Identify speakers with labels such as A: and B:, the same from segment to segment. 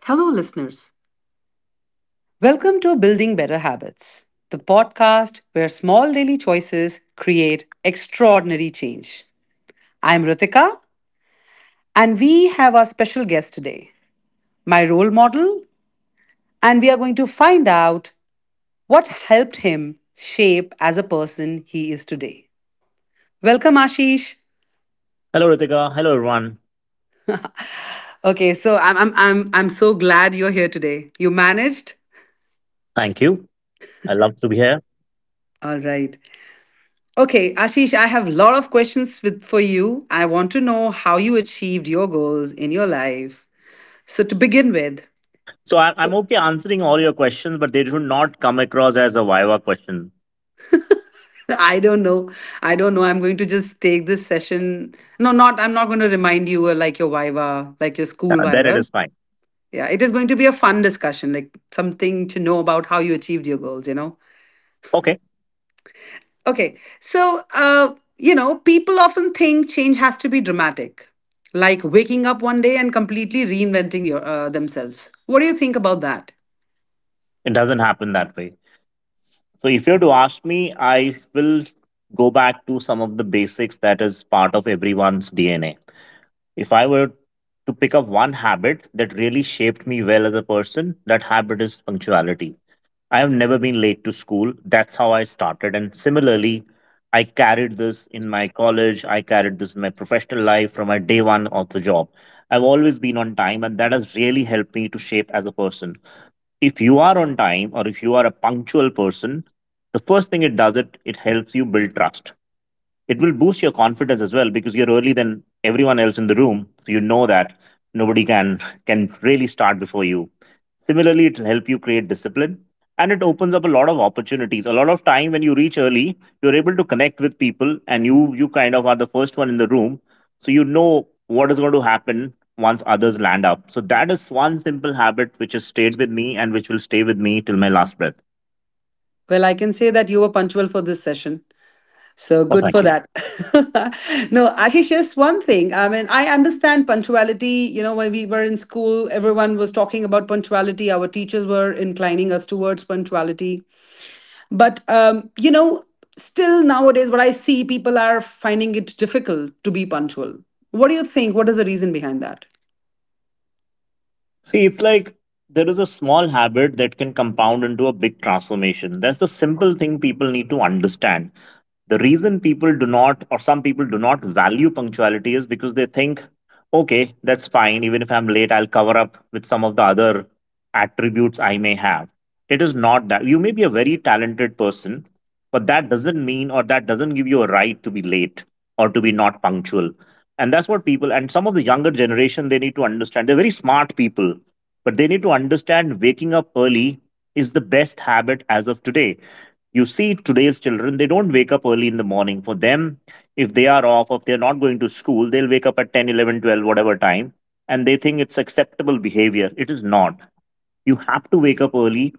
A: Hello, listeners. Welcome to Building Better Habits, the podcast where small daily choices create extraordinary change. I'm Ritika, and we have our special guest today, my role model, and we are going to find out what helped him shape as a person he is today. Welcome, Ashish.
B: Hello, Ritika. Hello, everyone.
A: Okay, so I'm so glad you're here today. You managed?
B: Thank you. I love to be here.
A: All right. Okay, Ashish, I have a lot of questions for you. I want to know how you achieved your goals in your life. So to begin with,
B: So I'm okay answering all your questions, but they should not come across as a Viva question.
A: I don't know. I don't know. I'm going to just take this session. No, not I'm not going to remind you like your viva, like your
B: Uh,
A: school
B: then it is
A: vivas.
B: fine.
A: Yeah, it is going to be a fun discussion, like something to know about how you achieved your goals.
B: Okay.
A: Okay, so people often think change has to be dramatic, like waking up one day and completely reinventing your themselves. What do you think about that?
B: It doesn't happen that way. So if you are to ask me, I will go back to some of the basics that is part of everyone's DNA. If I were to pick up one habit that really shaped me well as a person, that habit is punctuality. I have never been late to school. That's how I started. And similarly, I carried this in my college. I carried this in my professional life from my day one of the job. I've always been on time, and that has really helped me to shape as a person. If you are on time or if you are a punctual person, the first thing it does it helps you build trust. It will boost your confidence as well because you're early than everyone else in the room. So you know that nobody can really start before you. Similarly, it will help you create discipline, and it opens up a lot of opportunities. A lot of time when you reach early, you're able to connect with people, and you kind of are the first one in the room, so you know what is going to happen once others land up. So that is one simple habit which has stayed with me and which will stay with me till my last breath.
A: Well, I can say that you were punctual for this session. So
B: Oh,
A: good for
B: thank you.
A: that. no, Ashish, just one thing. I mean, I understand punctuality. You know, when we were in school, everyone was talking about punctuality. Our teachers were inclining us towards punctuality. But still nowadays what I see, people are finding it difficult to be punctual. What do you think? What is the reason behind that?
B: See, it's like there is a small habit that can compound into a big transformation. That's the simple thing people need to understand. The reason people do not, or some people do not value punctuality, is because they think, okay, that's fine. Even if I'm late, I'll cover up with some of the other attributes I may have. It is not that. You may be a very talented person, but that doesn't mean or that doesn't give you a right to be late or to be not punctual. And that's what people and some of the younger generation, they need to understand. They're very smart people, but they need to understand waking up early is the best habit as of today. You see, today's children, they don't wake up early in the morning. For them, if they are off, if they're not going to school, they'll wake up at 10, 11, 12, whatever time, and they think it's acceptable behavior. It is not. You have to wake up early.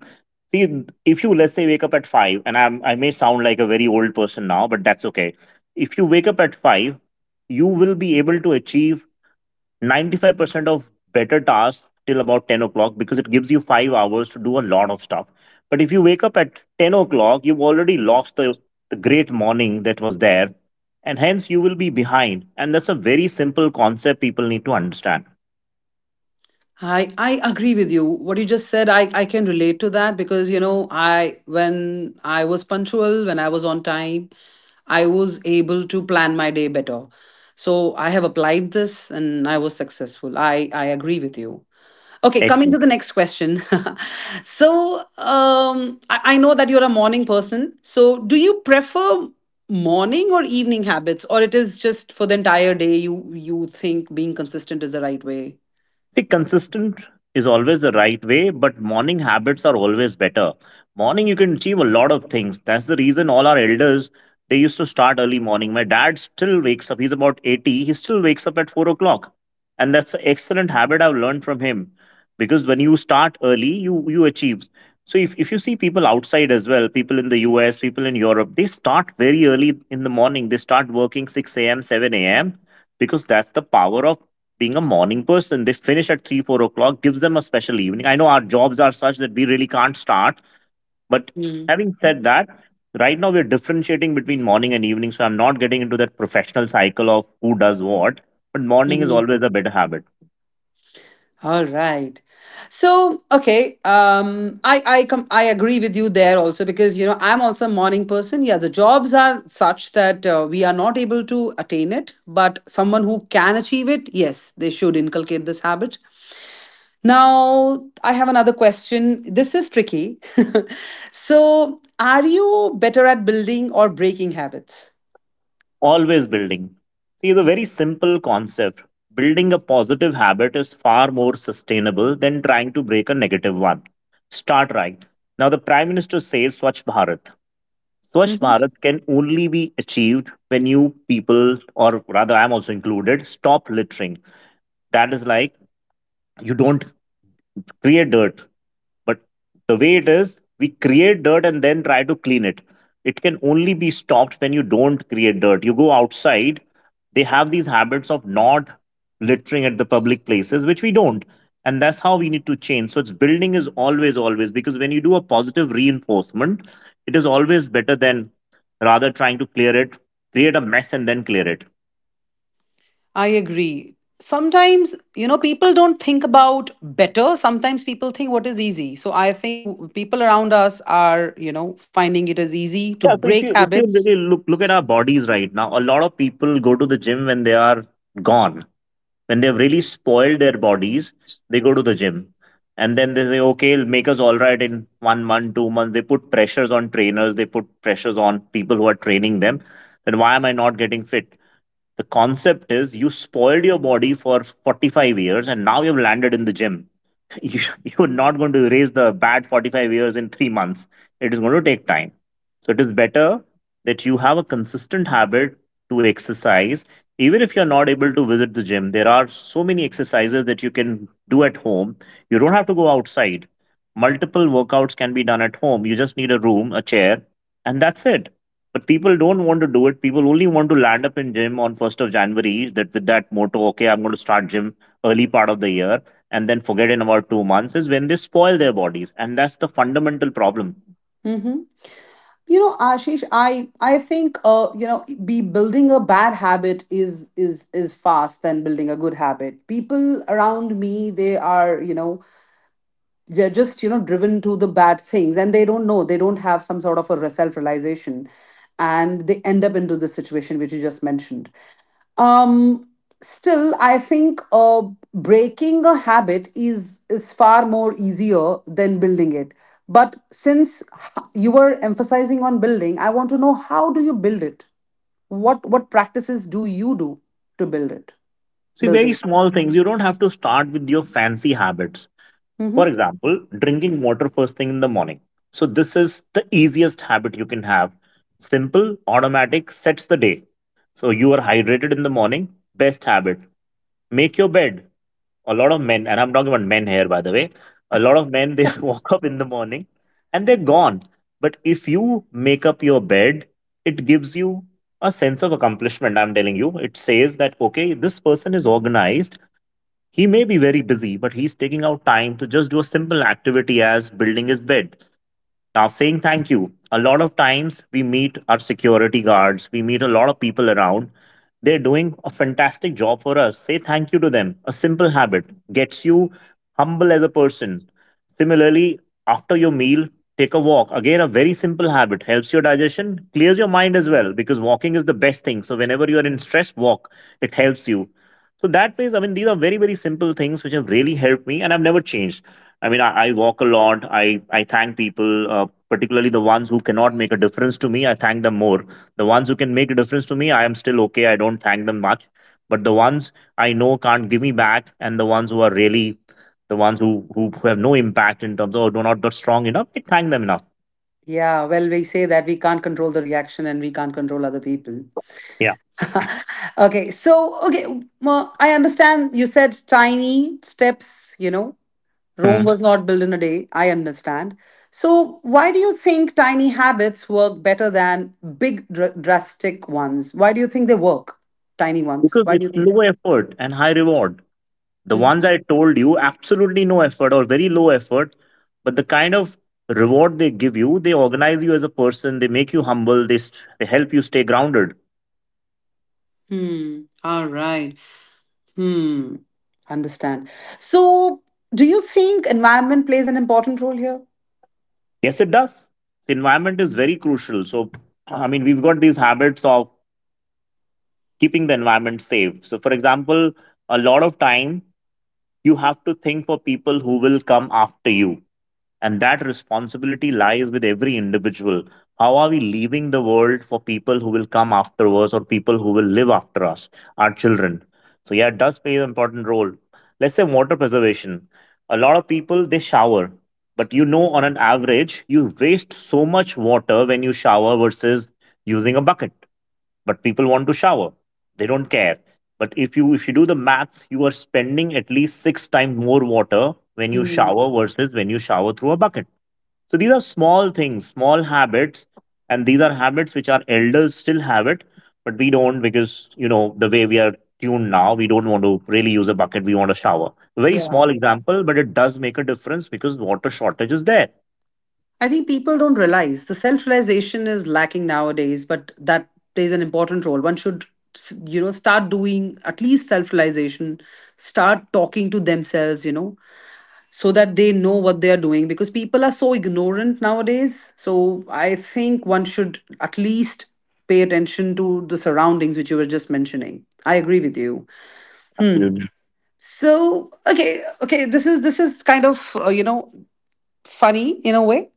B: See, if you, let's say, wake up at 5, and I may sound like a very old person now, but that's okay. If you wake up at 5, you will be able to achieve 95% of better tasks till about 10 o'clock, because it gives you 5 hours to do a lot of stuff. But if you wake up at 10 o'clock, you've already lost the great morning that was there, and hence you will be behind. And that's a very simple concept people need to understand.
A: I agree with you. What you just said, I can relate to that because you know, I when I was punctual, when I was on time, I was able to plan my day better. So I have applied this and I was successful. I agree with you. Okay, coming to the next question. So I know that you're a morning person. So do you prefer morning or evening habits, or it is just for the entire day you think being consistent is the right way?
B: See, consistent is always the right way, but morning habits are always better. Morning, you can achieve a lot of things. That's the reason all our elders, they used to start early morning. My dad still wakes up. He's about 80. He still wakes up at 4 o'clock, and that's an excellent habit I've learned from him. Because when you start early, you achieve. So if you see people outside as well, people in the US, people in Europe, they start very early in the morning. They start working six a.m., seven a.m., because that's the power of being a morning person. They finish at three, 4 o'clock, gives them a special evening. I know our jobs are such that we really can't start, but
A: Hmm.
B: having said that, right now we're differentiating between morning and evening, so I'm not getting into that professional cycle of who does what. But morning is always a better habit.
A: All right. So, okay, I agree with you there also because you know I'm also a morning person. Yeah, the jobs are such that we are not able to attain it, but someone who can achieve it, yes, they should inculcate this habit. Now, I have another question. This is tricky. so, are you better at building or breaking habits?
B: Always building. See, the very simple concept: building a positive habit is far more sustainable than trying to break a negative one. Start right. Now, the Prime Minister says Swachh Bharat. Swachh
A: Mm-hmm.
B: Bharat can only be achieved when you people, or rather, I'm also included, stop littering. That is like, you don't create dirt, but the way it is, we create dirt and then try to clean it. It can only be stopped when you don't create dirt. You go outside, they have these habits of not littering at the public places, which we don't. And that's how we need to change. So it's building is always, always, because when you do a positive reinforcement, it is always better than rather trying to clear it, create a mess and then clear it.
A: I agree. Sometimes, you know, people don't think about better. Sometimes people think what is easy. So I think people around us are, you know, finding it as easy to
B: Yeah, so
A: break
B: if you, if you
A: habits.
B: really look at our bodies right now, a lot of people go to the gym when they are gone, when they've really spoiled their bodies. They go to the gym, and then they say, "Okay, it'll make us all right in 1 month, 2 months." They put pressures on trainers. They put pressures on people who are training them. Then why am I not getting fit? The concept is, you spoiled your body for 45 years, and now you've landed in the gym. You you're not going to erase the bad 45 years in 3 months. It is going to take time. So it is better that you have a consistent habit to exercise. Even if you're not able to visit the gym, there are so many exercises that you can do at home. You don't have to go outside. Multiple workouts can be done at home. You just need a room, a chair, and that's it. But people don't want to do it. People only want to land up in gym on 1st of January, that with that motto, okay, I'm going to start gym early part of the year, and then forget in about 2 months is when they spoil their bodies. And that's the fundamental problem.
A: Hmm. You know, Ashish, I think be building a bad habit is fast than building a good habit. People around me, they are, you know, they're just driven to the bad things, and they don't know, they don't have some sort of a self-realization, and they end up into this situation which you just mentioned. um Still I think breaking a habit is far more easier than building it, but since you were emphasizing on building, I want to know how do you build it, what practices do you do to build it.
B: See,
A: Build
B: very
A: it.
B: small things. You don't have to start with your fancy habits. For
A: Hmm.
B: example, drinking water first thing in the morning. So, this is the easiest habit you can have. Simple, automatic, sets the day. So, you are hydrated in the morning. Best habit. Make your bed. A lot of men, and I'm talking about men here, by the way, a lot of men, they walk up in the morning and they're gone. But if you make up your bed, it gives you a sense of accomplishment. I'm telling you, it says that, okay, this person is organized. He may be very busy, but he's taking out time to just do a simple activity as building his bed. Now, saying thank you, a lot of times we meet our security guards, we meet a lot of people around. They're doing a fantastic job for us. Say thank you to them. A simple habit gets you humble as a person. Similarly, after your meal, take a walk. Again, a very simple habit, helps your digestion, clears your mind as well, because walking is the best thing. So, whenever you are in stress, walk. It helps you. So that ways, I mean, these are very, very simple things which have really helped me, and I've never changed. I mean, I walk a lot. I thank people, particularly the ones who cannot make a difference to me. I thank them more. The ones who can make a difference to me, I am still okay. I don't thank them much. But the ones I know can't give me back, and the ones who are really the ones who have no impact in terms of or do not strong enough, I thank them enough.
A: Yeah, well, we say that we can't control the reaction, and we can't control other people.
B: Yeah.
A: okay, so okay, well, I understand you said tiny steps, you know, Rome
B: Mm.
A: was not built in a day, I understand. So why do you think tiny habits work better than big drastic ones? Why do you think they work? Tiny ones,
B: Because
A: why do
B: it's
A: you think?
B: low effort and high reward. The ones
A: Mhm.
B: I told you, absolutely no effort or very low effort, but the kind of reward they give you, they organize you as a person, they make you humble, they, they help you stay grounded.
A: Hmm, all right. Hmm. Understand. So do you think environment plays an important role here?
B: Yes, it does. The environment is very crucial. So, I mean, we've got these habits of keeping the environment safe. So, for example, a lot of time you have to think for people who will come after you. And that responsibility lies with every individual. How are we leaving the world for people who will come after us or people who will live after us, our children? So, yeah, it does play an important role. Let's say water preservation. A lot of people, they shower. But on an average, you waste so much water when you shower versus using a bucket. But people want to shower, they don't care. But if you do the maths, you are spending at least six times more water when you
A: Hmm.
B: shower versus when you shower through a bucket. So these are small things, small habits, and these are habits which our elders still have it, but we don't, because the way we are tuned now, we don't want to really use a bucket, we want a shower. Very small
A: Yeah.
B: example, but it does make a difference because water shortage is there.
A: I think people don't realize, the self realization is lacking nowadays, but that plays an important role. One should, you know, start doing at least self realization, start talking to themselves, you know, so that they know what they are doing, because people are so ignorant nowadays. So I think one should at least pay attention to the surroundings which you were just mentioning. I agree with you. Hmm.
B: Absolutely.
A: So okay, okay, this is kind of you know, funny in a way.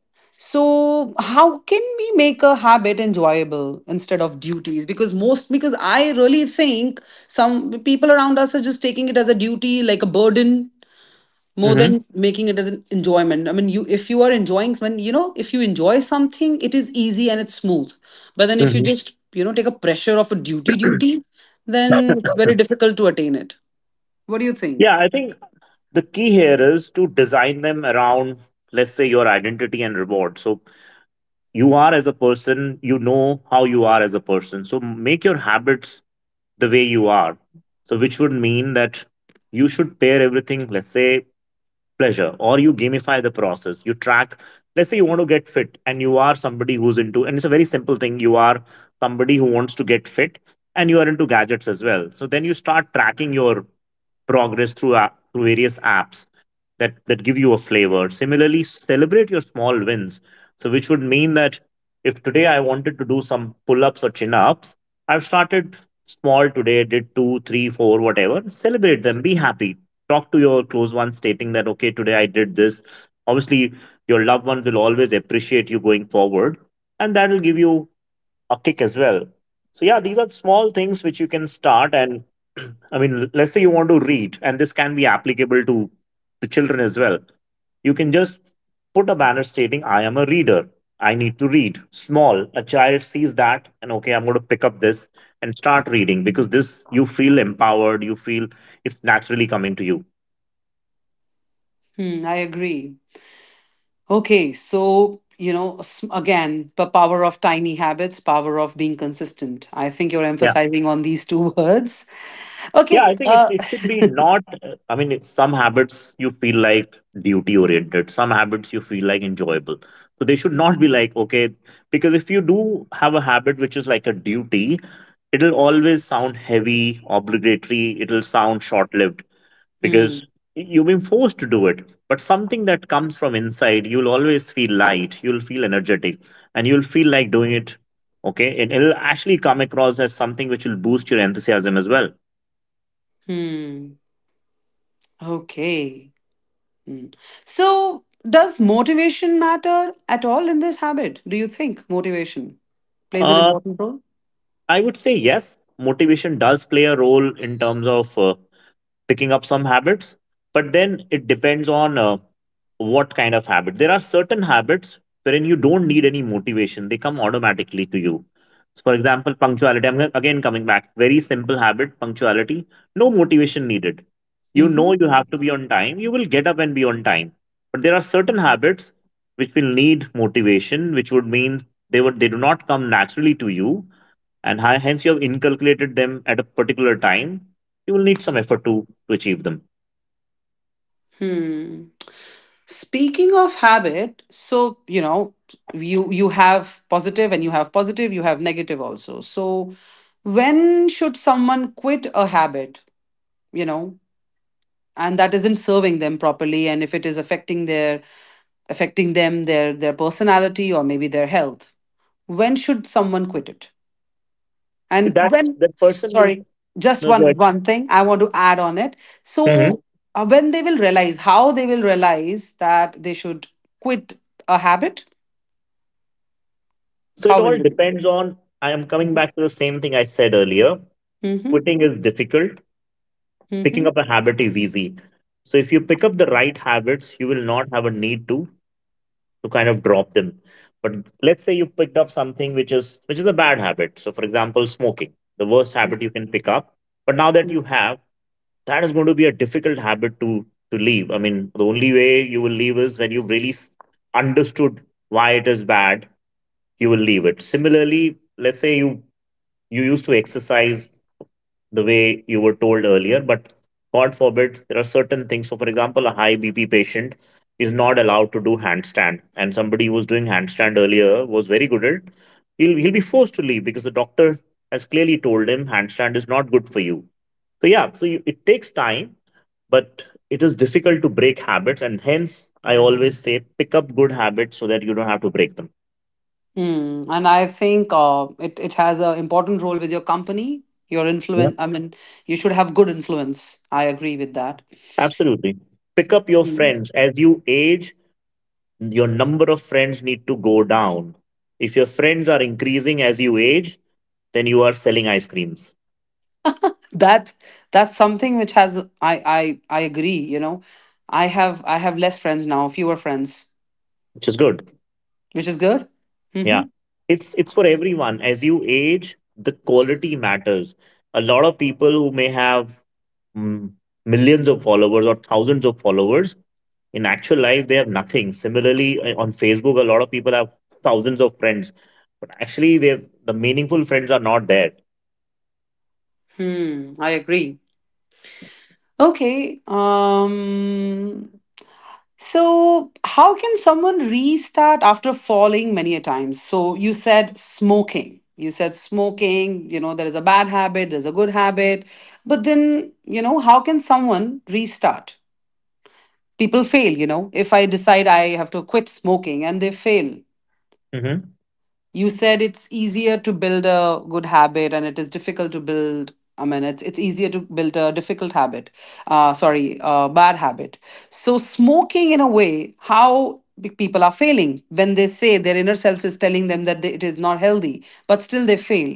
A: So, how can we make a habit enjoyable instead of duties? Because most, because I really think some people around us are just taking it as a duty, like a burden, more
B: Hmm.
A: than making it as an enjoyment. I mean, you if you are enjoying, when you know, if you enjoy something, it is easy and it's smooth. But then if you
B: Hmm.
A: just you know take a pressure of a duty duty, then it's very difficult to attain it. What do you think?
B: Yeah, I think the key here is to design them around, let's say, your identity and reward. So you are as a person, you know how you are as a person, so make your habits the way you are. So which would mean that you should pair everything, let's say pleasure, or you gamify the process, you track. Let's say you want to get fit and you are somebody who's into, and it's a very simple thing, you are somebody who wants to get fit and you are into gadgets as well. So then you start tracking your progress through through various apps that give you a flavor. Similarly, celebrate your small wins. So which would mean that if today I wanted to do some pull-ups or chin-ups, I've started small. Today did two three four, whatever, celebrate them, be happy. Talk to your close ones stating that okay, today I did this. Obviously, your loved ones will always appreciate you going forward, and that will give you a kick as well. So yeah, these are small things which you can start, and I mean, let's say you want to read, and this can be applicable to the children as well. You can just put a banner stating, I am a reader, I need to read. Small. A child sees that, and okay, I'm going to pick up this and start reading, because this you feel empowered. You feel it's naturally coming to you.
A: Hmm, I agree. Okay, so you know again, the power of tiny habits, power of being consistent. I think you're
B: Yeah.
A: emphasizing on these two words.
B: Yeah, I
A: Okay.
B: think it, it should be not. I mean, it's some habits you feel like duty oriented, some habits you feel like enjoyable. So they should not be like, okay, because if you do have a habit which is like a duty, it'll always sound heavy, obligatory, it'll sound short lived because
A: Hmm.
B: you've been forced to do it. But something that comes from inside, you'll always feel light, you'll feel energetic, and you'll feel like doing it. Okay, and it'll actually come across as something which will boost your enthusiasm as well.
A: Hmm. Okay. Hmm. So, does motivation matter at all in this habit? Do you think motivation plays an
B: Uh,
A: important role?
B: I would say yes, motivation does play a role in terms of picking up some habits, but then it depends on what kind of habit. There are certain habits wherein you don't need any motivation, they come automatically to you. So, for example, punctuality. I'm again coming back. Very simple habit, punctuality. No motivation needed. You know
A: Mm-hmm.
B: you have to be on time. You will get up and be on time. But there are certain habits which will need motivation, which would mean they do not come naturally to you, and hence you have inculcated them at a particular time, you will need some effort to achieve them.
A: Hmm. Speaking of habit, so you know, you have positive and you have negative also. So when should someone quit a habit, you know, and that isn't serving them properly, and if it is affecting their affecting them, their personality or maybe their health. When should someone quit it?
B: See,
A: And
B: that
A: when
B: that person will.
A: sorry, just
B: No, go
A: one
B: ahead.
A: one thing I want to add on it.
B: Mhm.
A: So when they will realize, how they will realize that they should quit a habit.
B: So it
A: How will
B: all
A: you do it?
B: depends on. I am coming
A: Mm-hmm.
B: back to the same thing I said earlier. Quitting is difficult. Picking up
A: Mm-hmm.
B: a habit is easy. So if you pick up the right habits, you will not have a need to kind of drop them. But let's say you picked up something which is a bad habit. So for example, smoking, the worst habit you can pick up. But now that you have, that is going to be a difficult habit to leave. I mean, the only way you will leave is when you've really understood why it is bad, you will leave it. Similarly, let's say you used to exercise the way you were told earlier, but God forbid, there are certain things. So, for example, a high BP patient is not allowed to do handstand, and somebody who was doing handstand earlier was very good at it. He'll be forced to leave because the doctor has clearly told him handstand is not good for you. So yeah, so you, it takes time, but it is difficult to break habits, and hence I always say pick up good habits so that you don't have to break them.
A: Mm. And I think it, it has an important role with your company, your
B: Yeah,
A: influence. I mean, you should have good influence. I agree with that.
B: absolutely. Pick up your
A: Mm.
B: friends. As you age, your number of friends need to go down. If your friends are increasing as you age, then you are selling ice creams,
A: That that's something which has I agree. You know, I have less friends now, fewer friends,
B: which is good.
A: which is good. Mm-hmm.
B: Yeah. It's for everyone. As you age, the quality matters. A lot of people who may have mm, millions of followers or thousands of followers, in actual life they have nothing. Similarly, on Facebook, a lot of people have thousands of friends, but actually, the meaningful friends are not there.
A: Hmm. I agree. Okay. So, how can someone restart after falling many a times? So, you said smoking. You said smoking, you know, there is a bad habit, there's a good habit. But then, you know, how can someone restart? People fail, you know. If I decide I have to quit smoking, and they fail,
B: Mm-hmm.
A: you said it's easier to build a good habit and it is difficult to build, I mean it's easier to build a difficult habit, sorry, bad habit. So smoking, in a way, how people are failing when they say their inner self is telling them that it is not healthy, but still they fail,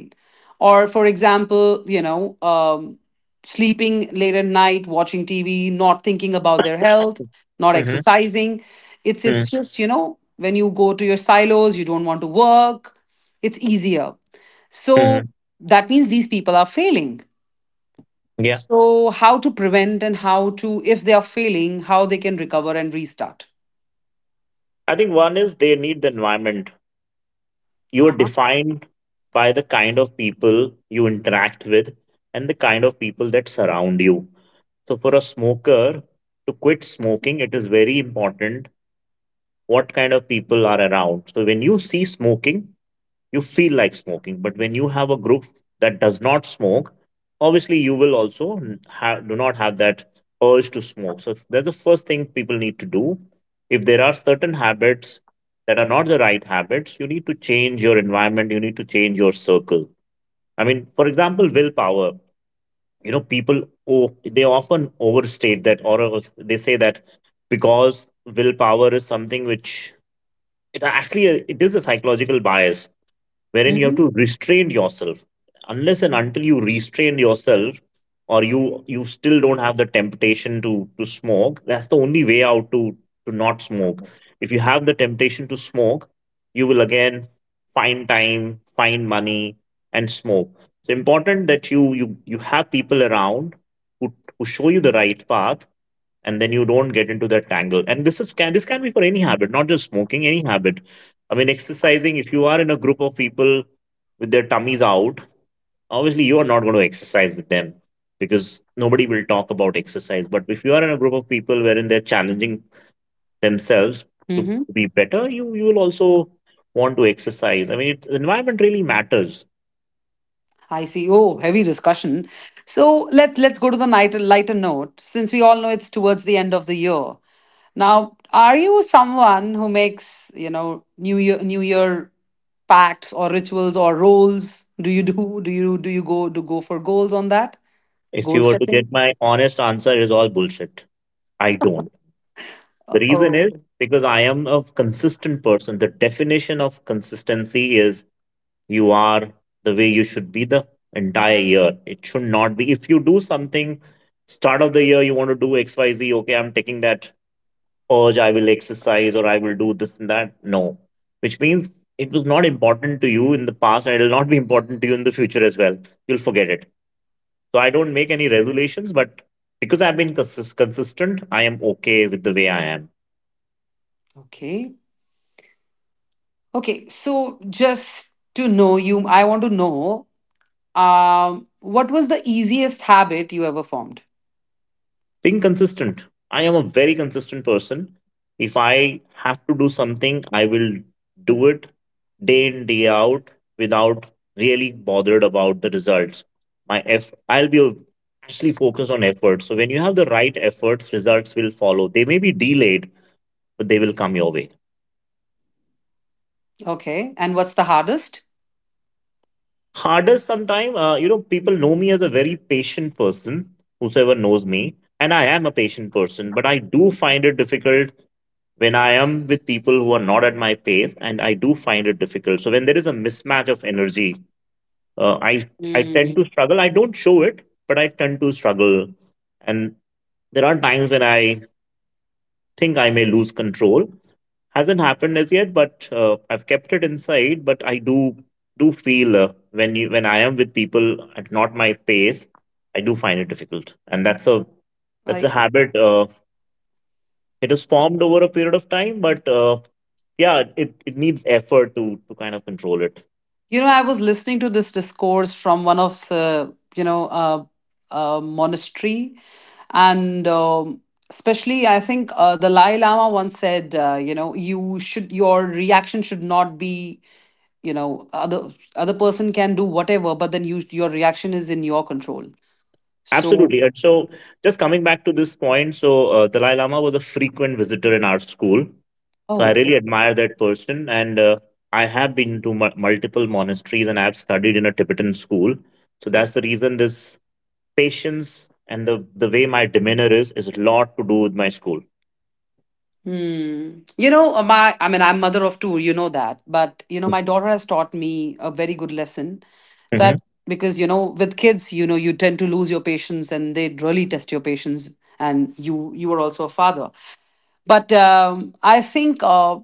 A: or for example, you know, sleeping late at night, watching TV, not thinking about their health, not
B: Mm-hmm.
A: exercising. it's
B: Mm-hmm.
A: it's just, you know, when you go to your silos, you don't want to work. It's easier. So
B: Mm-hmm.
A: that means these people are failing.
B: Yeah.
A: So, how to prevent, and how to, if they are failing, how they can recover and restart.
B: I think one is, they need the environment. You are
A: Uh-huh.
B: defined by the kind of people you interact with, and the kind of people that surround you. So, for a smoker to quit smoking, it is very important what kind of people are around. So when you see smoking, you feel like smoking, but when you have a group that does not smoke, obviously you will also do not have that urge to smoke. So that's the first thing people need to do. If there are certain habits that are not the right habits, you need to change your environment, you need to change your circle. I mean, for example, willpower. People, oh, they often overstate that, or they say that, because willpower is something which, it actually, it is a psychological bias wherein you have
A: Mm-hmm.
B: to restrain yourself. Unless and until you restrain yourself, or you still don't have the temptation to smoke, that's the only way out to not smoke. If you have the temptation to smoke, you will again find time, find money, and smoke. It's important that you have people around who show you the right path, and then you don't get into that tangle. And this can be for any habit, not just smoking, any habit. I mean, exercising, if you are in a group of people with their tummies out, obviously you are not going to exercise with them, because nobody will talk about exercise. But if you are in a group of people wherein they're challenging themselves to
A: Mm-hmm.
B: be better, you will also want to exercise. I mean, the environment really matters.
A: I see. Oh, heavy discussion. So let's go to the lighter note. Since we all know it's towards the end of the year, now, are you someone who makes, you know, New Year pacts or rituals or roles? Do you go do go for goals on that?
B: If
A: Goal
B: you were to
A: setting?
B: get my honest answer, it is all bullshit. I don't. The reason
A: Oh,
B: is because I am a consistent person. The definition of consistency is, you are the way you should be the entire year. It should not be if you do something start of the year, you want to do XYZ, okay, I'm taking that urge, I will exercise or I will do this and that. No. Which means it was not important to you in the past, and it will not be important to you in the future as well. You'll forget it. So I don't make any resolutions, but because I've been consistent, I am okay with the way I am.
A: okay. Okay, so just to know you, I want to know. What was the easiest habit you ever formed?
B: Being consistent. I am a very consistent person. If I have to do something, I will do it day in, day out, without really bothered about the results. I'll be actually focused on effort. So when you have the right efforts, results will follow. They may be delayed, but they will come your way.
A: Okay. And what's the hardest?
B: Hardest sometimes, people know me as a very patient person, whosoever knows me. And I am a patient person, but I do find it difficult when I am with people who are not at my pace, and I do find it difficult. So when there is a mismatch of energy, uh, I I tend to
A: Mm.
B: struggle. I don't show it, but I tend to struggle, and there are times when I think I may lose control. Hasn't happened as yet, but I've kept it inside. But I do feel, when I am with people at not my pace, I do find it difficult, and that's a
A: I,
B: habit. It is formed over a period of time, but yeah, it needs effort to kind of control it.
A: you know, I was listening to this discourse from one of the, you know, monastery, and especially I think the Dalai Lama once said, your reaction should not be, other person can do whatever, but then your reaction is in your control. So
B: Absolutely. And so, just coming back to this point, so Dalai Lama was a frequent visitor in our school. So I
A: oh.
B: really admire that person, and I have been to multiple monasteries, and I've studied in a Tibetan school. So that's the reason this patience and the way my demeanor is a lot to do with my school.
A: Hmm. you know My, I'm mother of two, you know that, but you know my daughter has taught me a very good lesson, that
B: Mhm.
A: because you know with kids you know you tend to lose your patience and they really test your patience, and you are also a father, but I think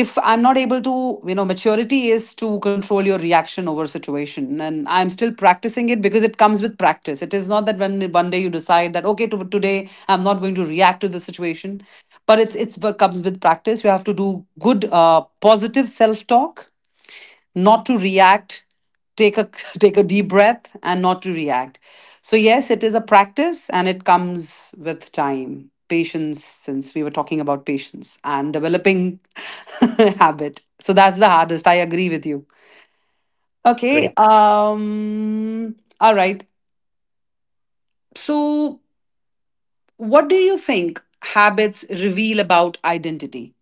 A: if I'm not able to, you know, maturity is to control your reaction over situation, and I'm still practicing it, because it comes with practice. It is not that when one day you decide that okay today I'm not going to react to the situation, but it's what comes with practice. You have to do good, positive self talk, not to react, take a take a deep breath and not to react. So yes, it is a practice, and it comes with time, patience. Since we were talking about patience and developing habit, so that's the hardest, I agree with you. Okay,
B: Great.
A: all right. So what do you think habits reveal about identity,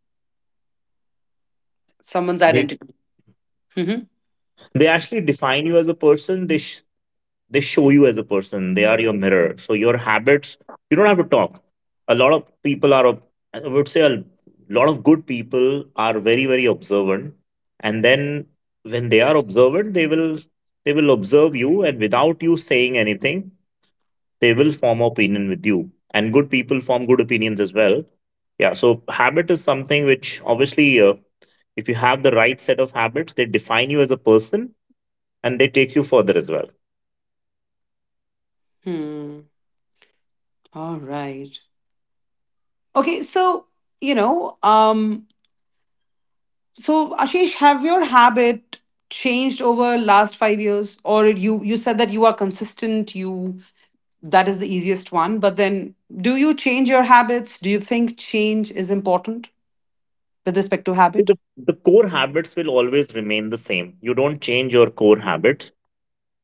A: someone's
B: They,
A: identity? Hmm.
B: they actually define you as a person. They show you as a person, they are your mirror. So your habits, you don't have to talk. A lot of people are, I would say a lot of good people are very very observant. And then when they are observant, they will observe you, and without you saying anything, they will form opinion with you. And good people form good opinions as well. Yeah, so habit is something which obviously if you have the right set of habits, they define you as a person and they take you further as well.
A: Hmm. All right. Okay. So you know um so, Ashish, have your habit changed over last 5 years? Or you said that you are consistent, you that is the easiest one. But then do you change your habits? Do you think change is important with respect to
B: See,
A: habit?
B: the core habits will always remain the same. You don't change your core habits,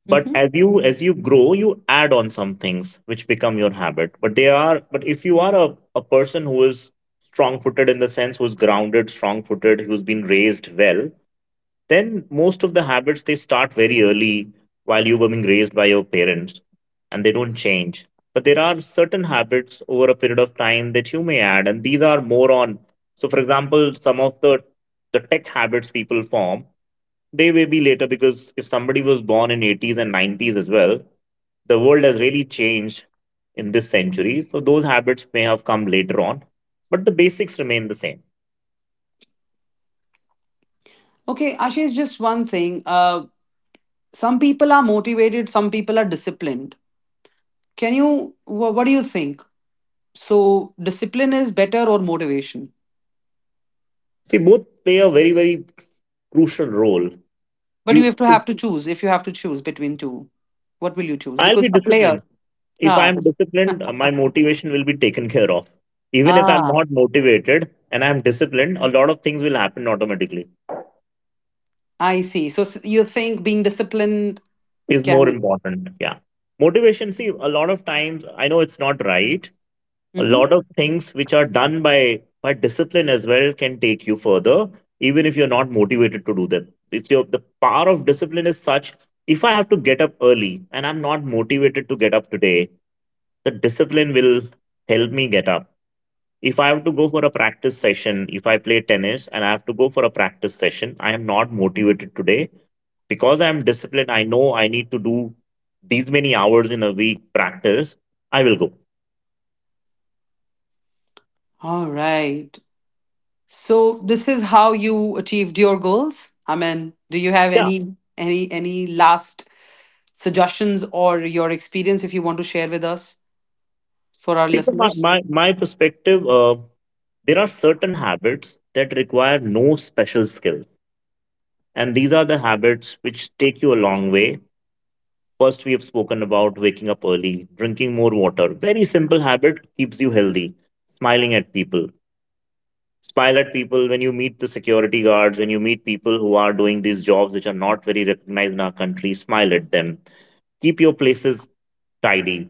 B: but as
A: Hmm.
B: you as you grow you add on some things which become your habit. But they are, but if you are a person who is strong footed, in the sense, who's grounded, strong footed, who's been raised well, then most of the habits they start very early, while you were being raised by your parents, and they don't change. But there are certain habits over a period of time that you may add, and these are more on, so for example, some of the tech habits people form, they may be later. Because if somebody was born in 80s and 90s as well, the world has really changed in this century, so those habits may have come later on. But the basics remain the same.
A: Okay, Ashish, just one thing. Some people are motivated, some people are disciplined. Can you, what do you think? So, discipline is better or motivation?
B: See, both play a very very crucial role.
A: But
B: You,
A: you have to choose, if you have to choose between two. What will you choose?
B: I'll be
A: Because a player,
B: disciplined. If
A: Ah,
B: I'm disciplined, my motivation will be taken care of. Even if I'm
A: ah,
B: not motivated and I'm disciplined, a lot of things will happen automatically,
A: I see. So you think being disciplined
B: is more
A: can.
B: important. Yeah. Motivation, see, a lot of times, I know it's not right. A
A: Mm-hmm.
B: lot of things which are done by discipline as well can take you further, even if you're not motivated to do them. It's your, the power of discipline is such. If I have to get up early and I'm not motivated to get up today, the discipline will help me get up. If I have to go for a practice session, if I play tennis and I have to go for a practice session, I am not motivated today. Because I am disciplined, I know I need to do these many hours in a week practice. I will go.
A: All right. So this is how you achieved your goals. I mean, do you have
B: Yeah.
A: any last suggestions or your experience if you want to share with us for our
B: See, from my,
A: listeners?
B: my, my perspective, there are certain habits that require no special skills. And these are the habits which take you a long way. First, we have spoken about waking up early, drinking more water. Very simple habit, keeps you healthy. Smiling at people, smile at people when you meet the security guards, when you meet people who are doing these jobs which are not very recognized in our country, smile at them. Keep your places tidy,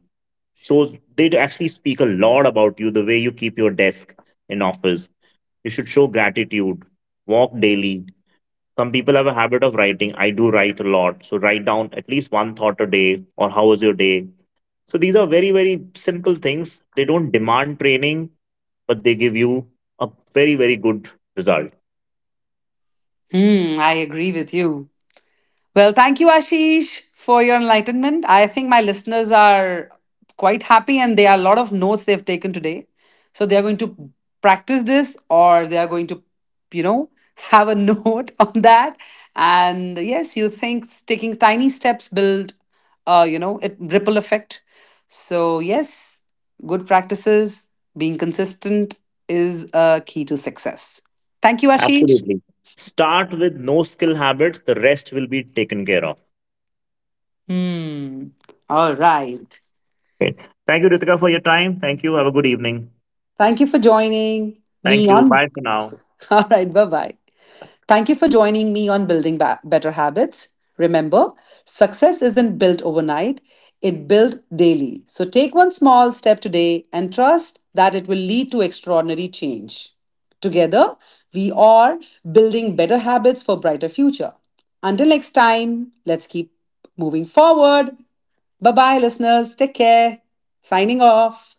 B: shows, they actually speak a lot about you, the way you keep your desk in office. You should show gratitude. Walk daily. Some people have a habit of writing, I do write a lot, so write down at least one thought a day or how was your day. So these are very very simple things, they don't demand training, but they give you a very very good result.
A: Hmm, I agree with you. Well, thank you, Ashish, for your enlightenment. I think my listeners are quite happy, and there are a lot of notes they've taken today. So they are going to practice this, or they are going to, you know, have a note on that. And yes, you think taking tiny steps build, it ripple effect. So yes, good practices, being consistent is a key to success. Thank you, Ashish.
B: Absolutely. Start with no skill habits, the rest will be taken care of.
A: Hmm. All right.
B: Okay. Thank you, Ritika, for your time. Thank you. Have a good evening.
A: Thank you for joining
B: Thank
A: me
B: you.
A: on.
B: Bye for now.
A: All right, bye bye. Thank you for joining me on Building Better Habits. Remember, success isn't built overnight, it built daily. So take one small step today and trust that it will lead to extraordinary change. Together, we are building better habits for brighter future. Until next time, let's keep moving forward. Bye bye listeners. Take care. Signing off.